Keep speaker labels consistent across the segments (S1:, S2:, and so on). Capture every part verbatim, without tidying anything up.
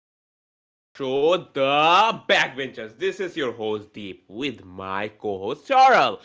S1: our listeners in our show, The Backbenchers. This is your host Deep with my co-host Charles.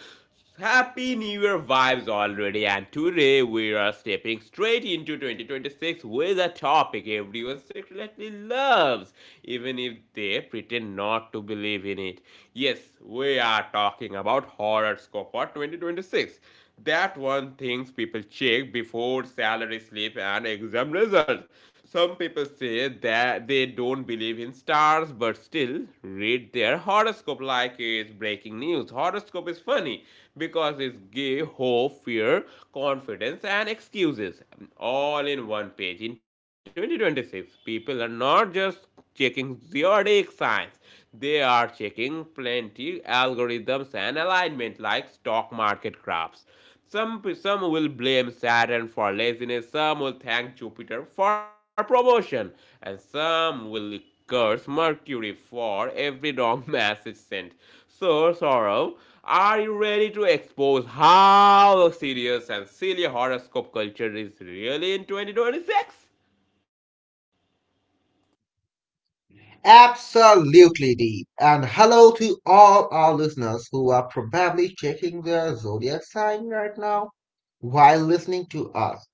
S1: Happy New Year vibes already, and today we are stepping straight into twenty twenty-six with a topic everyone secretly loves, even if they pretend not to believe in it. Yes, we are talking about horoscope for twenty twenty-six. six. That one things people check before salary slip and exam results. Some people say that they don't believe in stars but still read their horoscope like it's breaking news. Horoscope is funny because it gives hope, fear, confidence and excuses all in one page. In twenty twenty-six, people are not just checking zodiac signs. They are checking plenty algorithms and alignment like stock market graphs. Some, some will blame Saturn for laziness, some will thank Jupiter for promotion, and some will curse Mercury for every wrong message sent. So, Sorrow, are you ready to expose how serious and silly horoscope culture is really in twenty twenty-six?
S2: Absolutely deep. And hello to all our listeners who are probably checking their zodiac sign right now while listening to us.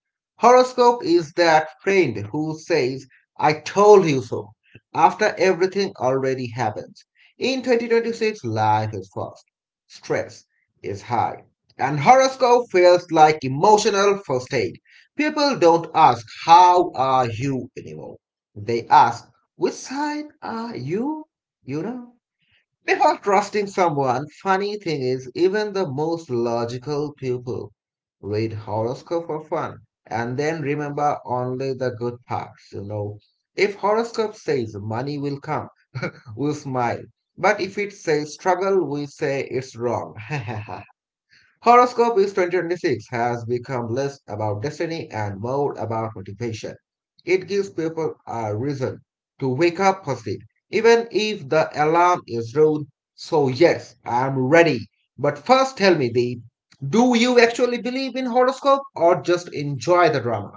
S2: Horoscope is that friend who says, "I told you so," after everything already happens. In twenty twenty-six, life is fast, stress is high, and horoscope feels like emotional first aid. People don't ask, "How are you?" anymore. They ask, "Which side are you?" You know? Before trusting someone, funny thing is, even the most logical people read horoscope for fun and then remember only the good parts, you know. If horoscope says money will come, we'll smile. But if it says struggle, we say it's wrong. Horoscope is twenty twenty-six has become less about destiny and more about motivation. It gives people a reason to wake up positive, even if the alarm is rude. So, yes, I'm ready. But first, tell me, Deep, do you actually believe in horoscope or just enjoy the drama?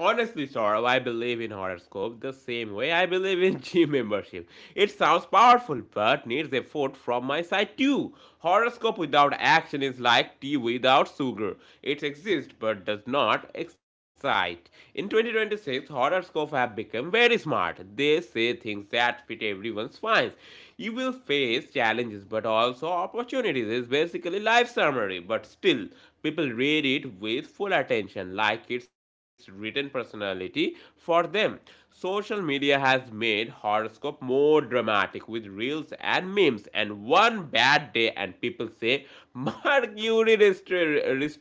S1: Honestly, Saurabh, I believe in horoscope the same way I believe in gym membership. It sounds powerful, but needs effort from my side too. Horoscope without action is like tea without sugar. It exists but does not excite. In twenty twenty-six, horoscopes have become very smart. They say things that fit everyone's finds. You will face challenges but also opportunities. It's basically life summary, but still people read it with full attention like it's written personality for them. Social media has made horoscope more dramatic with reels and memes and one bad day and people say Mercury restri-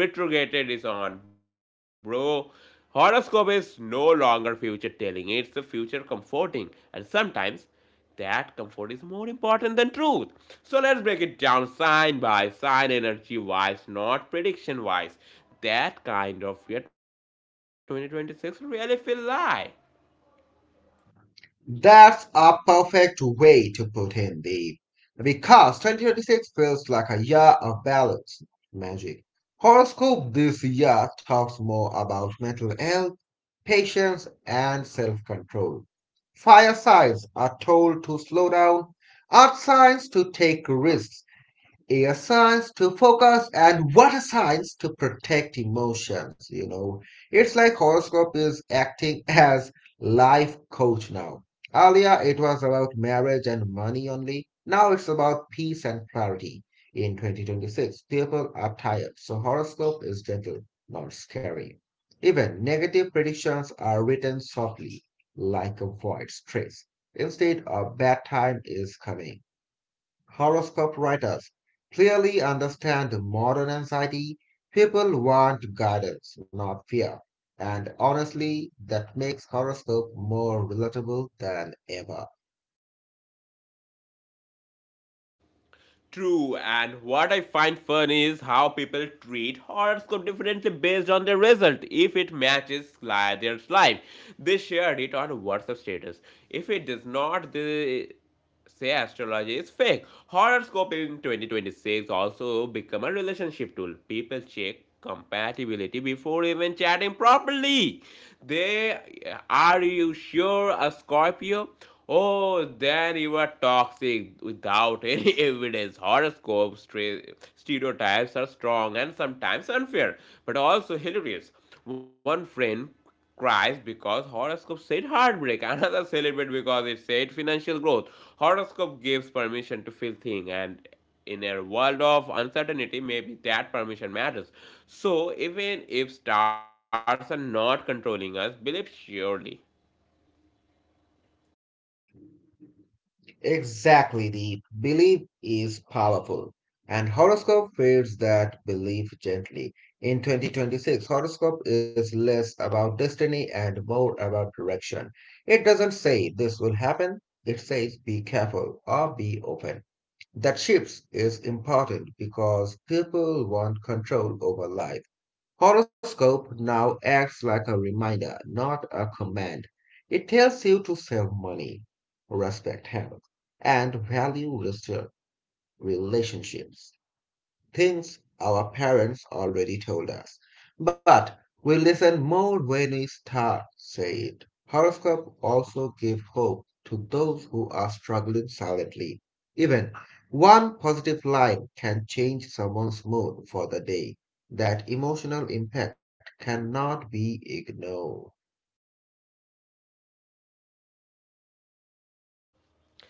S1: retrograded is on, bro. Horoscope is no longer future telling, it's the future comforting. And sometimes that comfort is more important than truth. So let's break it down sign by sign, energy wise, not prediction wise. That kind of year twenty twenty-six really feel like.
S2: That's a perfect way to put in the because twenty twenty-six feels like a year of balance magic. Horoscope this year talks more about mental health, patience, and self control. Fire signs are told to slow down, earth signs to take risks, a signs to focus, and water signs to protect emotions, you know. It's like horoscope is acting as life coach now. Earlier it was about marriage and money only, now it's about peace and clarity. In twenty twenty-six people are tired, so horoscope is gentle, not scary. Even negative predictions are written softly, like avoid stress instead a bad time is coming. Horoscope writers clearly understand modern anxiety. People want guidance, not fear. And honestly, that makes horoscope more relatable than ever.
S1: True, and what I find fun is how people treat horoscope differently based on their result. If it matches li- their life, they share it on WhatsApp status. If it does not, they say astrology is fake. Horoscope in twenty twenty-six also become a relationship tool. People check compatibility before even chatting properly. They are you sure a Scorpio? Oh, then you are toxic without any evidence. Horoscopes, stereotypes are strong and sometimes unfair, but also hilarious. One friend cries because horoscope said heartbreak. Another celebrate because it said financial growth. Horoscope gives permission to feel thing and in a world of uncertainty, maybe that permission matters. So even if stars are not controlling us, believe surely.
S2: Exactly, the belief is powerful. And horoscope feeds that belief gently. In twenty twenty-six, horoscope is less about destiny and more about direction. It doesn't say this will happen, it says be careful or be open. That shift is important because people want control over life. Horoscope now acts like a reminder, not a command. It tells you to save money, respect health, and value restored relationships, things our parents already told us. But we listen more when we start. Star it. Horoscope also give hope to those who are struggling silently. Even one positive line can change someone's mood for the day. That emotional impact cannot be ignored.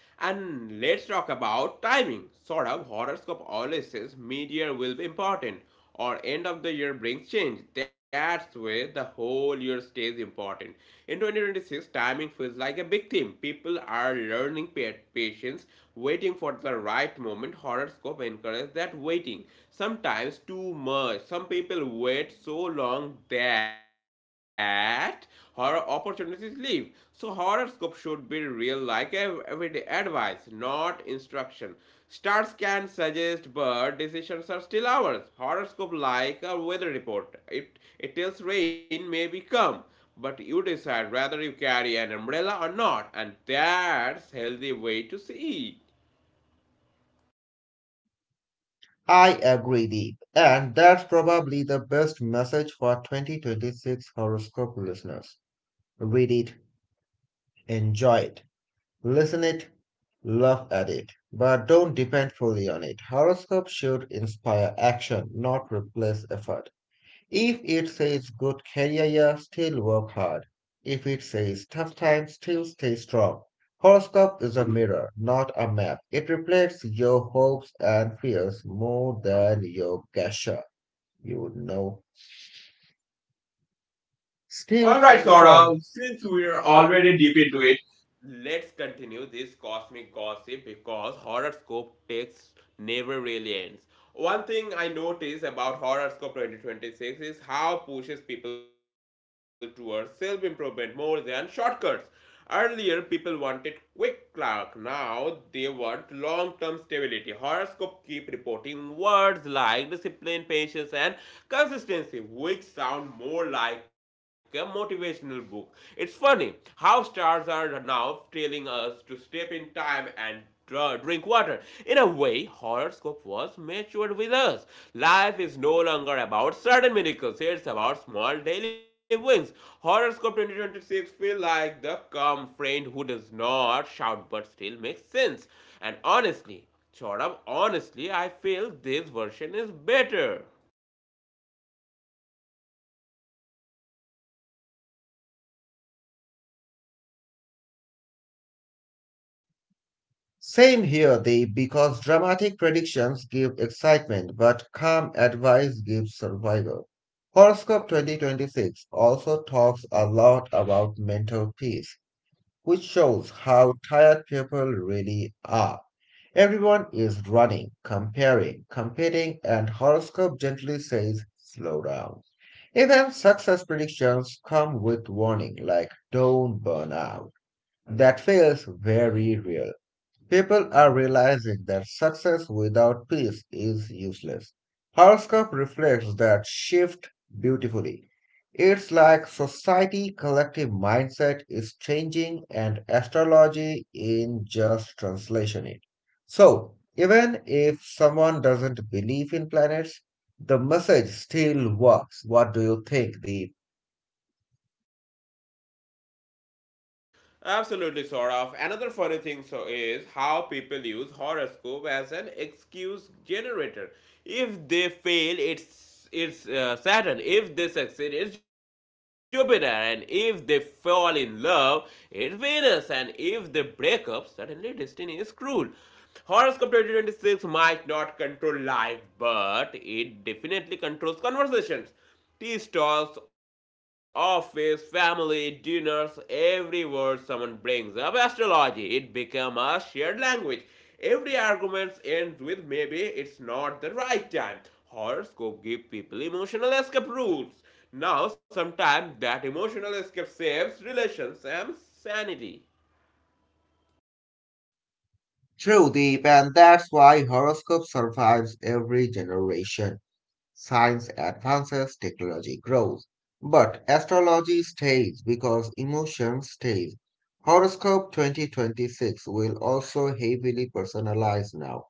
S1: And let's talk about timing. Sort of horoscope always says mid-year will be important or end of the year brings change. That's where the whole year stays important. In twenty twenty-six, timing feels like a big theme. People are learning patience, waiting for the right moment. Horoscope encourages that waiting. Sometimes too much. Some people wait so long that her opportunities live. So horoscope should be real like everyday advice, not instruction. Stars can suggest, but decisions are still ours. Horoscope like a weather report. It it tells rain may be come, but you decide whether you carry an umbrella or not, and that's a healthy way to see.
S2: I agree, Deep, and that's probably the best message for twenty twenty-six horoscope listeners. Read it, enjoy it, listen it, laugh at it, but don't depend fully on it. Horoscope should inspire action, not replace effort. If it says good career year, still work hard. If it says tough times, still stay strong. Horoscope is a mirror, not a map. It reflects your hopes and fears more than your gasher. You would know. Still,
S1: All
S2: all
S1: right,
S2: right,
S1: Saurabh,
S2: Gaurav. Since
S1: since we are
S2: we're
S1: already
S2: already
S1: deep
S2: deep
S1: into
S2: into
S1: it,
S2: it.
S1: let's continue this cosmic gossip because horoscope text never really ends. One thing I notice about horoscope twenty twenty-six is how pushes people towards self-improvement more than shortcuts. Earlier, people wanted quick clock. Now they want long-term stability. Horoscope keep reporting words like discipline, patience, and consistency, which sound more like a motivational book. It's funny how stars are now telling us to step in time and drink water. In a way, horoscope was matured with us. Life is no longer about certain miracles, it's about small daily wins. Horoscope twenty twenty-six feels like the calm friend who does not shout but still makes sense. And honestly, Chaudham, honestly, I feel this version is better.
S2: Same here, they because dramatic predictions give excitement, but calm advice gives survival. Horoscope twenty twenty-six also talks a lot about mental peace, which shows how tired people really are. Everyone is running, comparing, competing, and horoscope gently says, slow down. Even success predictions come with warning like don't burn out. That feels very real. People are realizing that success without peace is useless. Horoscope reflects that shift beautifully. It's like society collective mindset is changing and astrology in just translation it. So, even if someone doesn't believe in planets, the message still works. What do you think, Deep?
S1: Absolutely, sort of. Another funny thing so is how people use horoscope as an excuse generator. If they fail, it's it's uh, Saturn. If they succeed, it's Jupiter. And if they fall in love, it's Venus. And if they break up, suddenly destiny is cruel. Horoscope twenty twenty-six might not control life, but it definitely controls conversations. Tea stalls, office, family, dinners, every word someone brings up astrology, it becomes a shared language. Every argument ends with maybe it's not the right time. Horoscope give people emotional escape routes. Now, sometimes that emotional escape saves relations and sanity.
S2: True, Deep, and that's why horoscope survives every generation. Science advances, technology grows, but astrology stays because emotions stays. Horoscope twenty twenty-six will also heavily personalized now.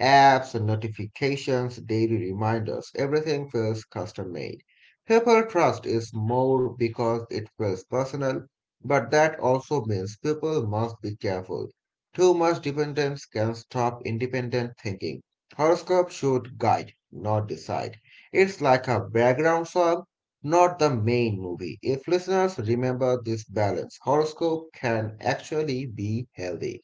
S2: Apps, notifications, daily reminders, everything feels custom made. People trust is more because it feels personal, but that also means people must be careful. Too much dependence can stop independent thinking. Horoscope should guide, not decide. It's like a background song, not the main movie. If listeners remember this balance, horoscope can actually be healthy.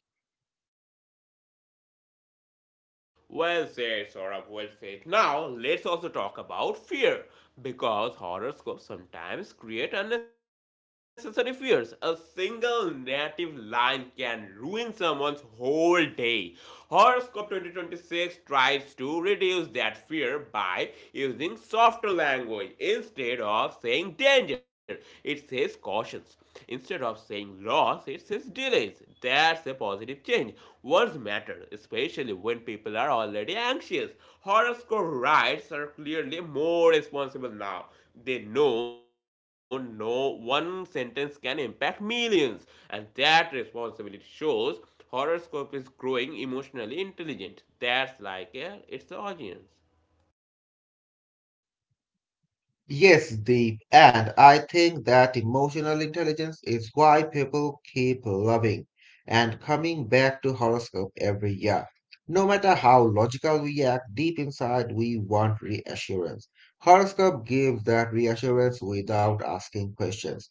S1: Well said, Saurabh, well said. Now, let's also talk about fear. Because horoscopes sometimes create unnecessary fears. A single negative line can ruin someone's whole day. Horoscope twenty twenty-six tries to reduce that fear by using softer language instead of saying danger. It says cautions. Instead of saying loss, it says delays. That's a positive change. Words matter, especially when people are already anxious. Horoscope writers are clearly more responsible now. They know no one sentence can impact millions, and that responsibility shows horoscope is growing emotionally intelligent. That's like a, its audience.
S2: Yes, Deep, and I think that emotional intelligence is why people keep loving and coming back to horoscope every year. No matter how logical we act, deep inside we want reassurance. Horoscope gives that reassurance without asking questions.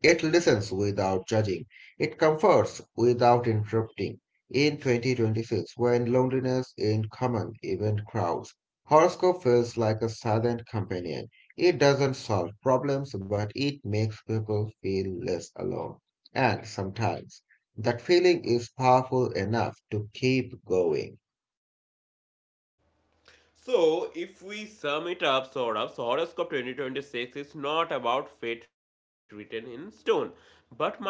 S2: It listens without judging. It comforts without interrupting. In twenty twenty-six, when loneliness in common event crowds, horoscope feels like a silent companion. It doesn't solve problems, but it makes people feel less alone. And sometimes that feeling is powerful enough to keep going.
S1: So, if we sum it up, sort of, so horoscope twenty twenty-six is not about fate written in stone, but mindset.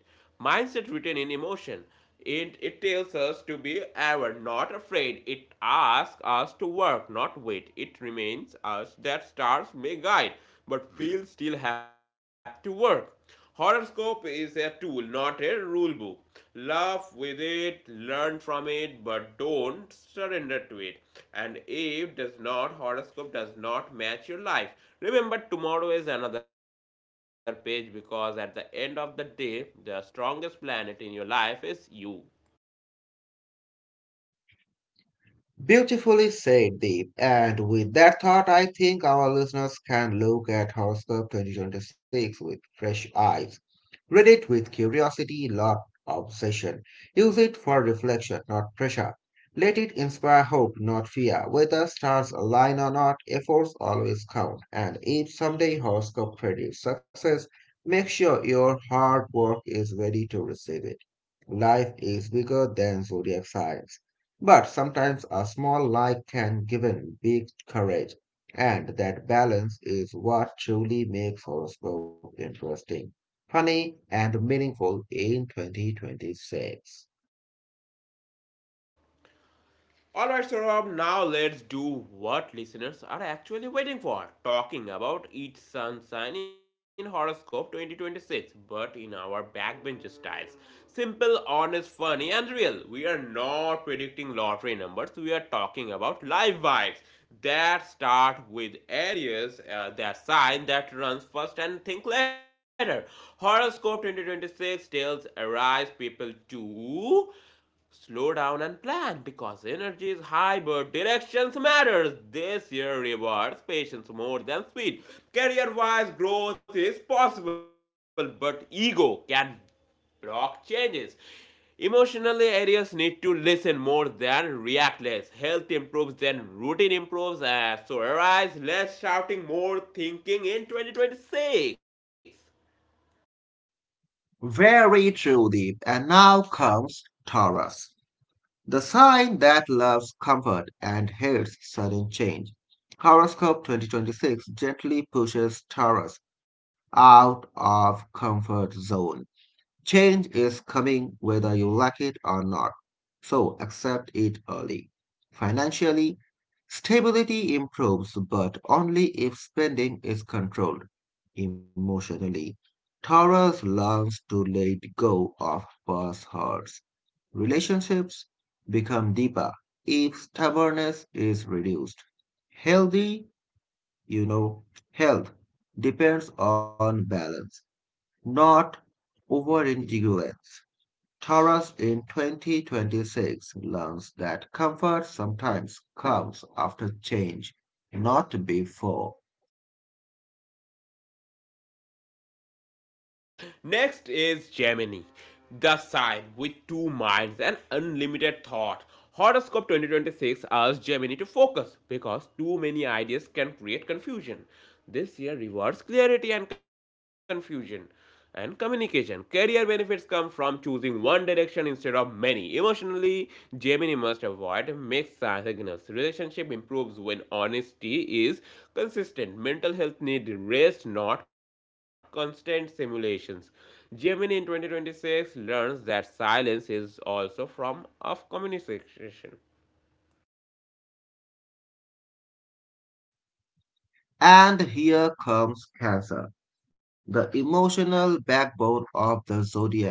S1: Mindset written in emotion. It, it tells us to be aware, not afraid. It asks us to work, not wait. It reminds us that stars may guide, but we'll still have to work. Horoscope is a tool, not a rule book. Laugh with it, learn from it, but don't surrender to it. And if does not horoscope does not match your life. Remember tomorrow is another page because at the end of the day the strongest planet in your life is you.
S2: Beautifully said, Deep. And with that thought, I think our listeners can look at Horoscope twenty twenty-six with fresh eyes. Read it with curiosity, not obsession. Use it for reflection, not pressure. Let it inspire hope, not fear. Whether stars align or not, efforts always count. And if someday horoscope predicts success, make sure your hard work is ready to receive it. Life is bigger than zodiac signs, but sometimes a small light can give in big courage, and that balance is what truly makes horoscope interesting, funny, and meaningful in twenty twenty-six.
S1: Alright, Saurabh, now let's do what listeners are actually waiting for. Talking about each sun sign in Horoscope twenty twenty-six, but in our backbencher styles. Simple, honest, funny, and real. We are not predicting lottery numbers, we are talking about live vibes that start with Aries, uh, that sign that runs first and think later horoscope twenty twenty-six tells arise people to slow down and plan because energy is high, but directions matters. This year rewards patience more than speed. Career-wise growth is possible, but ego can block changes. Emotionally, areas need to listen more than react less. Health improves, then routine improves. Uh, so arise less shouting, more thinking in twenty twenty-six.
S2: Very true, Deep. And now comes Taurus, the sign that loves comfort and hates sudden change. Horoscope twenty twenty-six gently pushes Taurus out of comfort zone. Change is coming whether you like it or not, so accept it early. Financially, stability improves, but only if spending is controlled. Emotionally, Taurus learns to let go of past hurts. Relationships become deeper if stubbornness is reduced. Healthy, you know, Health depends on balance, not over indulgence. Taurus in twenty twenty-six learns that comfort sometimes comes after change, not before.
S1: Next is Gemini, the sign with two minds and unlimited thought. Horoscope twenty twenty-six asks Gemini to focus because too many ideas can create confusion. This year rewards clarity and confusion and communication. Career benefits come from choosing one direction instead of many. Emotionally, Gemini must avoid mixed signals. Relationship improves when honesty is consistent. Mental health needs rest, not constant simulations. Gemini in twenty twenty-six learns that silence is also from of communication.
S2: And here comes Cancer, the emotional backbone of the zodiac.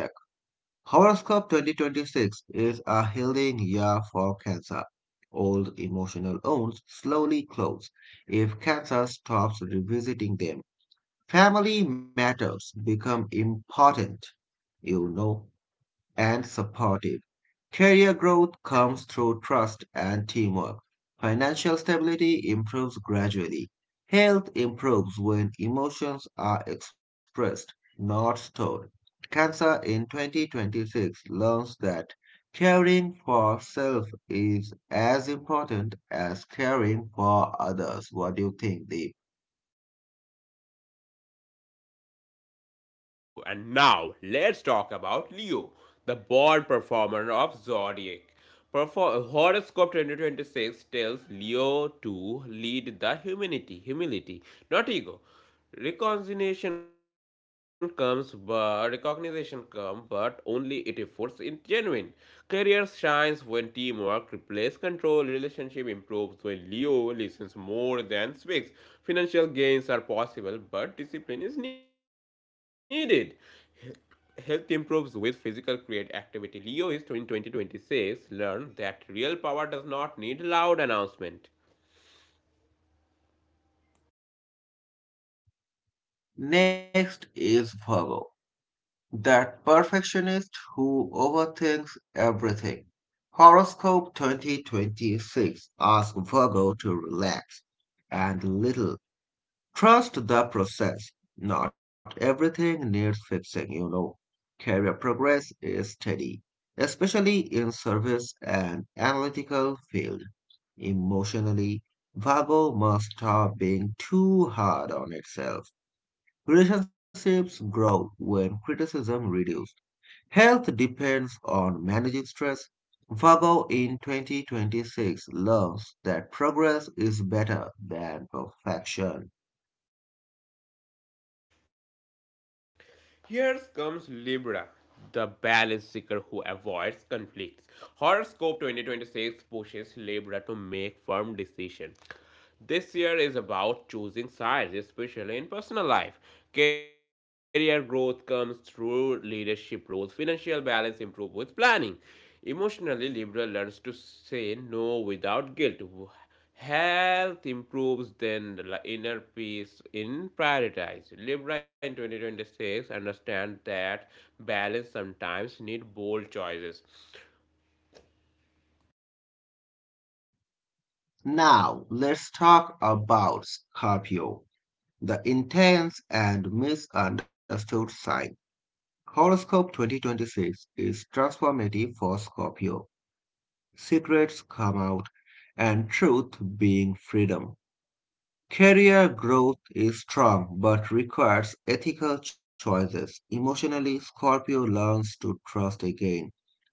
S2: Horoscope twenty twenty-six is a healing year for Cancer. Old emotional wounds slowly close if Cancer stops revisiting them. Family matters become important, you know. and supportive. Career growth comes through trust and teamwork. Financial stability improves gradually. Health improves when emotions are expressed, not stored. Cancer in twenty twenty-six learns that caring for self is as important as caring for others. What do you think, Deep?
S1: So true. And now let's talk about Leo, the born performer of zodiac. Perfor- Horoscope twenty twenty-six tells Leo to lead the humanity, humility, not ego. Reconciliation comes, but recognition comes, but only it efforts in genuine. Career shines when teamwork replaces control. Relationship improves when Leo listens more than speaks. Financial gains are possible, but discipline is needed. Health improves with physical create activity. Leo is in twenty twenty-six learned that real power does not need loud announcement.
S2: Next is Virgo. That perfectionist who overthinks everything. Horoscope twenty twenty-six asks Virgo to relax and little. Trust the process. Not everything needs fixing, you know. Career progress is steady, especially in service and analytical field. Emotionally, Virgo must stop being too hard on itself. Relationships grow when criticism reduces. Health depends on managing stress. Virgo in twenty twenty-six loves that progress is better than perfection.
S1: Here comes Libra, the balance seeker who avoids conflicts. Horoscope twenty twenty-six pushes Libra to make firm decisions. This year is about choosing sides, especially in personal life. Career growth comes through leadership roles, financial balance improves with planning. Emotionally, Libra learns to say no without guilt. Health improves, then the inner peace in prioritize. Libra in twenty twenty-six understand that balance sometimes need bold choices.
S2: Now, let's talk about Scorpio, the intense and misunderstood sign. Horoscope twenty twenty-six is transformative for Scorpio. Secrets come out and truth being freedom. Career growth is strong but requires ethical choices. Emotionally, Scorpio learns to trust again.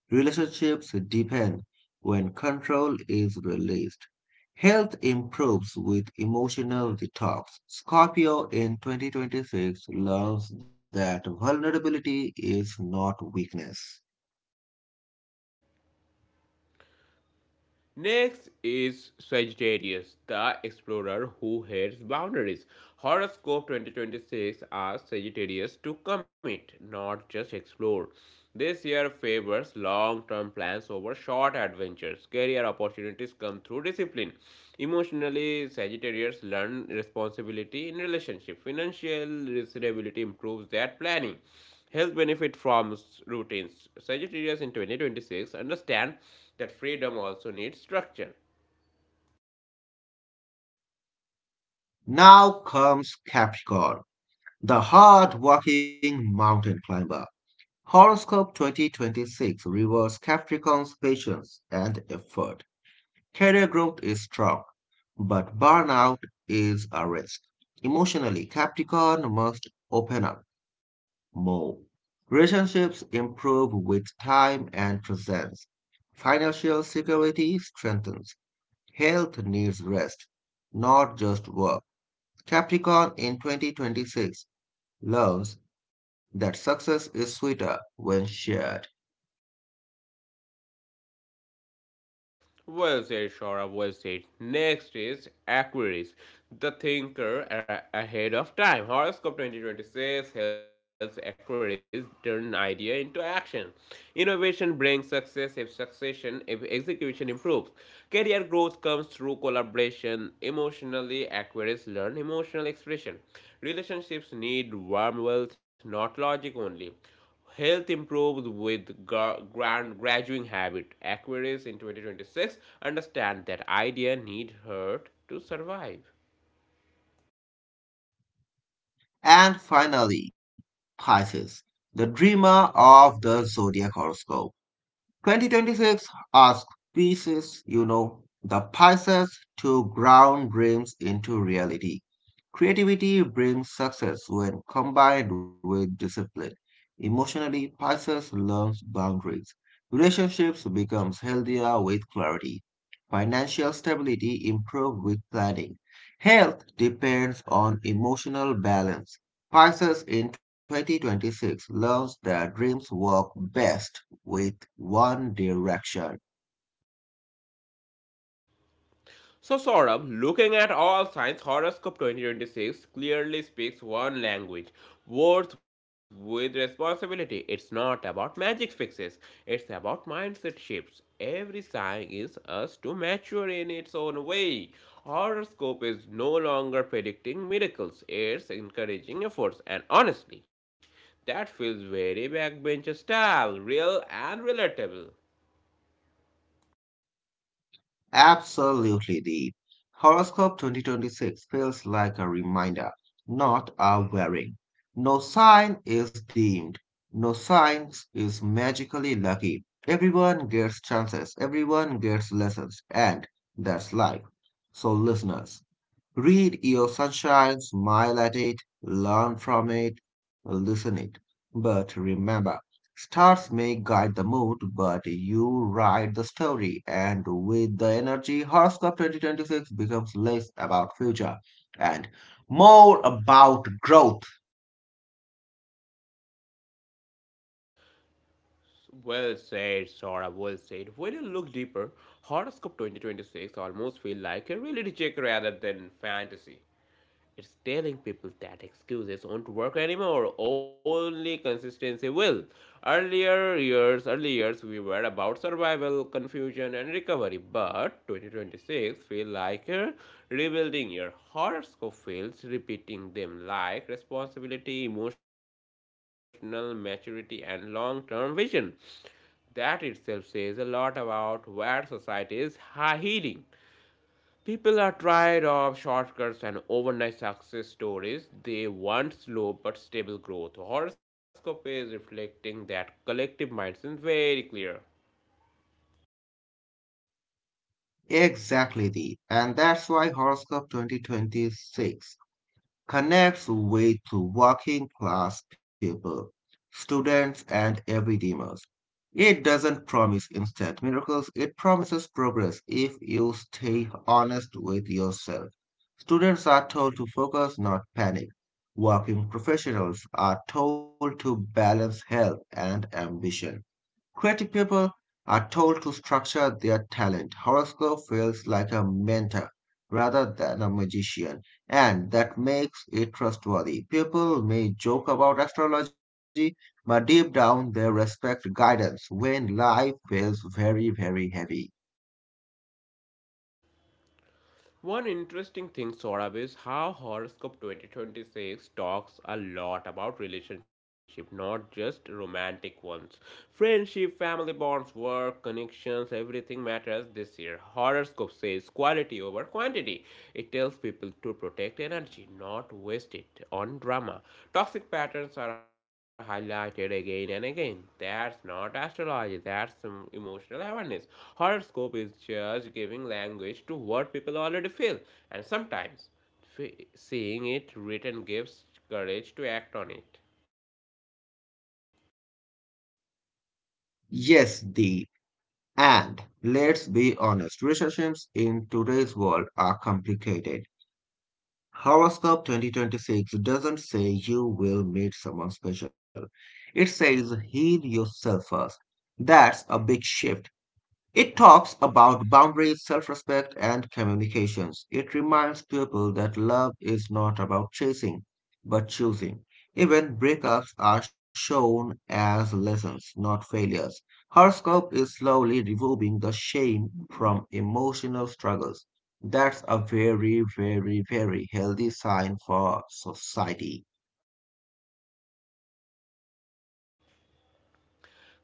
S2: Relationships deepen when control is released. Health improves with emotional detox. Scorpio in twenty twenty-six learns that vulnerability is not weakness.
S1: Next is Sagittarius, the explorer who hates boundaries. Horoscope twenty twenty-six asks Sagittarius to commit, not just explore. This year favors long term plans over short adventures. Career opportunities come through discipline. Emotionally, Sagittarius learn responsibility in relationship. Financial stability improves their planning health benefit from routines. Sagittarius in twenty twenty-six understand that freedom also needs structure.
S2: Now comes Capricorn, the hard working mountain climber. Horoscope twenty twenty-six rewards Capricorn's patience and effort. Career growth is strong, but burnout is a risk. Emotionally, Capricorn must open up more. Relationships improve with time and presence. Financial security strengthens. Health needs rest, not just work. Capricorn in twenty twenty-six learns that success is sweeter when shared.
S1: Well said, Shora. Well said. Next is Aquarius, the thinker a- ahead of time. Horoscope twenty twenty-six helps Aquarius turn idea into action. Innovation brings success if succession, if execution improves. Career growth comes through collaboration. Emotionally, Aquarius learn emotional expression. Relationships need warm wealth, not logic only. Health improves with grand graduating habit. Aquarius in twenty twenty-six understand that idea need hurt to survive.
S2: And finally, Pisces, the dreamer of the zodiac horoscope. twenty twenty-six asked Pisces, you know, the Pisces to ground dreams into reality. Creativity brings success when combined with discipline. Emotionally, Pisces learns boundaries. Relationships becomes healthier with clarity. Financial stability improves with planning. Health depends on emotional balance. Pisces in twenty twenty-six learns that dreams work best with one direction.
S1: So, Saurabh, looking at all signs, Horoscope twenty twenty-six clearly speaks one language Words with responsibility. It's not about magic fixes, it's about mindset shifts. Every sign is us to mature in its own way. Horoscope is no longer predicting miracles, it's encouraging efforts, and honestly, that feels very backbencher style, real and relatable.
S2: Absolutely deep. Horoscope twenty twenty-six feels like a reminder, not a warning. No sign is deemed. No sign is magically lucky. Everyone gets chances. Everyone gets lessons. And that's life. So listeners, read your sunshine, smile at it, learn from it, listen it. But remember, stars may guide the mood, but you write the story. And with the energy, Horoscope twenty twenty-six becomes less about future and more about growth.
S1: Well said, Sora. Well said. When you look deeper, Horoscope twenty twenty-six almost feel like a reality check rather than fantasy. It's telling people that excuses won't work anymore. Only consistency will. Earlier years, early years, we were about survival, confusion, and recovery. But twenty twenty-six feel like a rebuilding year. Horoscope feels repeating them like responsibility, emotional maturity, and long-term vision. That itself says a lot about where society is heading. People are tired of shortcuts and overnight success stories. They want slow but stable growth. Horoscope is reflecting that collective mindset very clear.
S2: Exactly, the and that's why Horoscope twenty twenty-six connects with working class people, students, and everydayers. It doesn't promise instant miracles, it promises progress if you stay honest with yourself. Students are told to focus, not panic. Working professionals are told to balance health and ambition. Creative people are told to structure their talent. Horoscope feels like a mentor rather than a magician, and that makes it trustworthy. People may joke about astrology, but deep down they respect guidance when life feels very, very heavy.
S1: One interesting thing, Saurabh, is how Horoscope twenty twenty-six talks a lot about relationship, not just romantic ones. Friendship, family bonds, work, connections, everything matters this year. Horoscope says quality over quantity. It tells people to protect energy, not not waste it on drama. Toxic patterns are highlighted again and again. That's not astrology, that's um, emotional awareness. Horoscope is just giving language to what people already feel, and sometimes seeing it written gives courage to act on it.
S2: Yes, the and let's be honest, relationships in today's world are complicated. Horoscope twenty twenty-six doesn't say you will meet someone special. It says heal yourself first. That's a big shift. It talks about boundaries, self respect, and communications. It reminds people that love is not about chasing, but choosing. Even breakups are shown as lessons, not failures. Horoscope is slowly removing the shame from emotional struggles. That's a very, very, very healthy sign for society.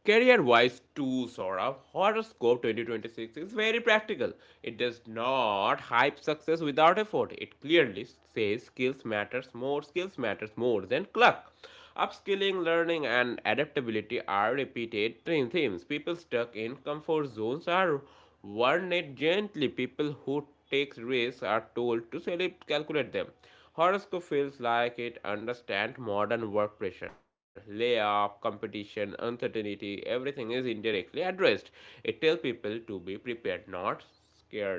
S1: Career wise, too, Sora, Horoscope twenty twenty-six is very practical. It does not hype success without effort. It clearly says skills matters more, skills matters more than luck. Upskilling, learning, and adaptability are repeated theme- themes. People stuck in comfort zones are warn it gently. People who take risks are told to select- calculate them. Horoscope feels like it understands modern work pressure, layoff, competition, uncertainty. Everything is indirectly addressed. It tells people to be prepared, not scared.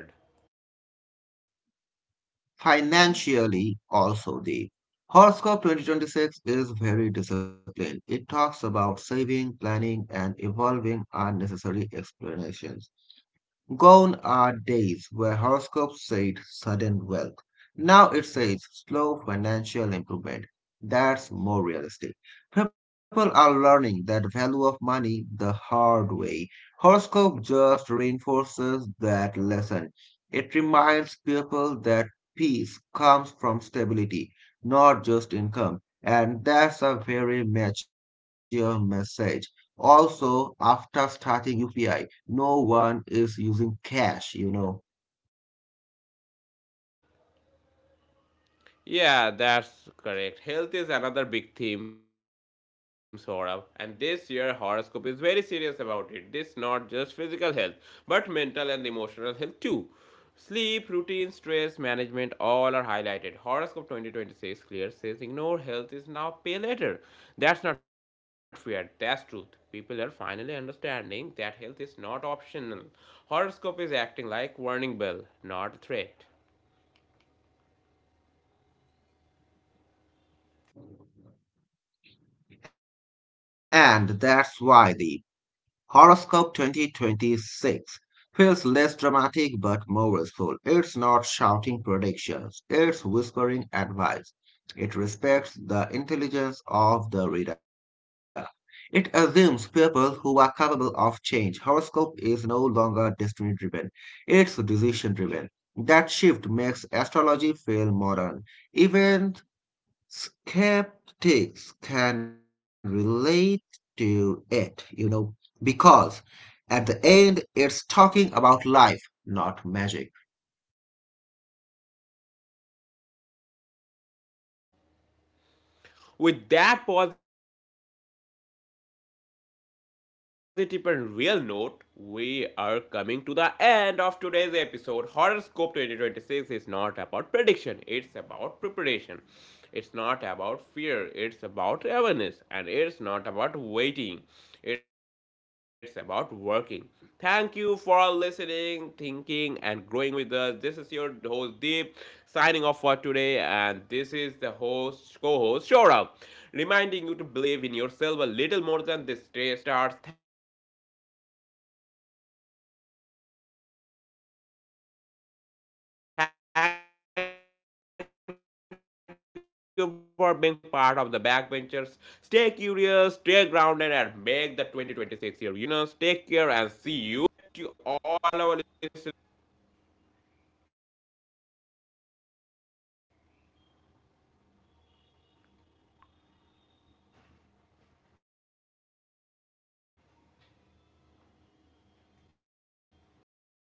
S2: Financially, also, the Horoscope twenty twenty-six is very disciplined. It talks about saving, planning, and evolving unnecessary explanations. Gone are days where horoscopes said sudden wealth. Now it says slow financial improvement. That's more realistic. People are learning that value of money the hard way. Horoscope just reinforces that lesson. It reminds people that peace comes from stability, not just income. And that's a very mature message. Also, after starting U P I, no one is using cash, you know.
S1: Yeah, that's correct. Health is another big theme, Saurabh, and this year horoscope is very serious about it. This not just physical health, but mental and emotional health too. Sleep, routine, stress management, all are highlighted. Horoscope twenty twenty-six clear says ignore health is now pay later. That's not fair, that's truth. People are finally understanding that health is not optional. Horoscope is acting like warning bell, not threat.
S2: And that's why the Horoscope twenty twenty-six feels less dramatic but more restful. It's not shouting predictions, it's whispering advice. It respects the intelligence of the reader. It assumes people who are capable of change. Horoscope is no longer destiny driven, it's decision driven. That shift makes astrology feel modern, even Skeptics can relate to it, you know, because at the end it's talking about life, not magic.
S1: With that positive and real note, we are coming to the end of today's episode. Horoscope twenty twenty-six is not about prediction, it's about preparation. It's not about fear, it's about awareness, and it's not about waiting, it's about working. Thank you for listening, thinking, and growing with us. This is your host Deep signing off for today, and this is the host, co host Shourav reminding you to believe in yourself a little more than this day starts. Thank you for being part of the backbenchers. Stay curious, stay grounded, and make the twenty twenty-six year year through effort, not excuses. Happy New Year to all our listeners. Take care and see you very, very soon.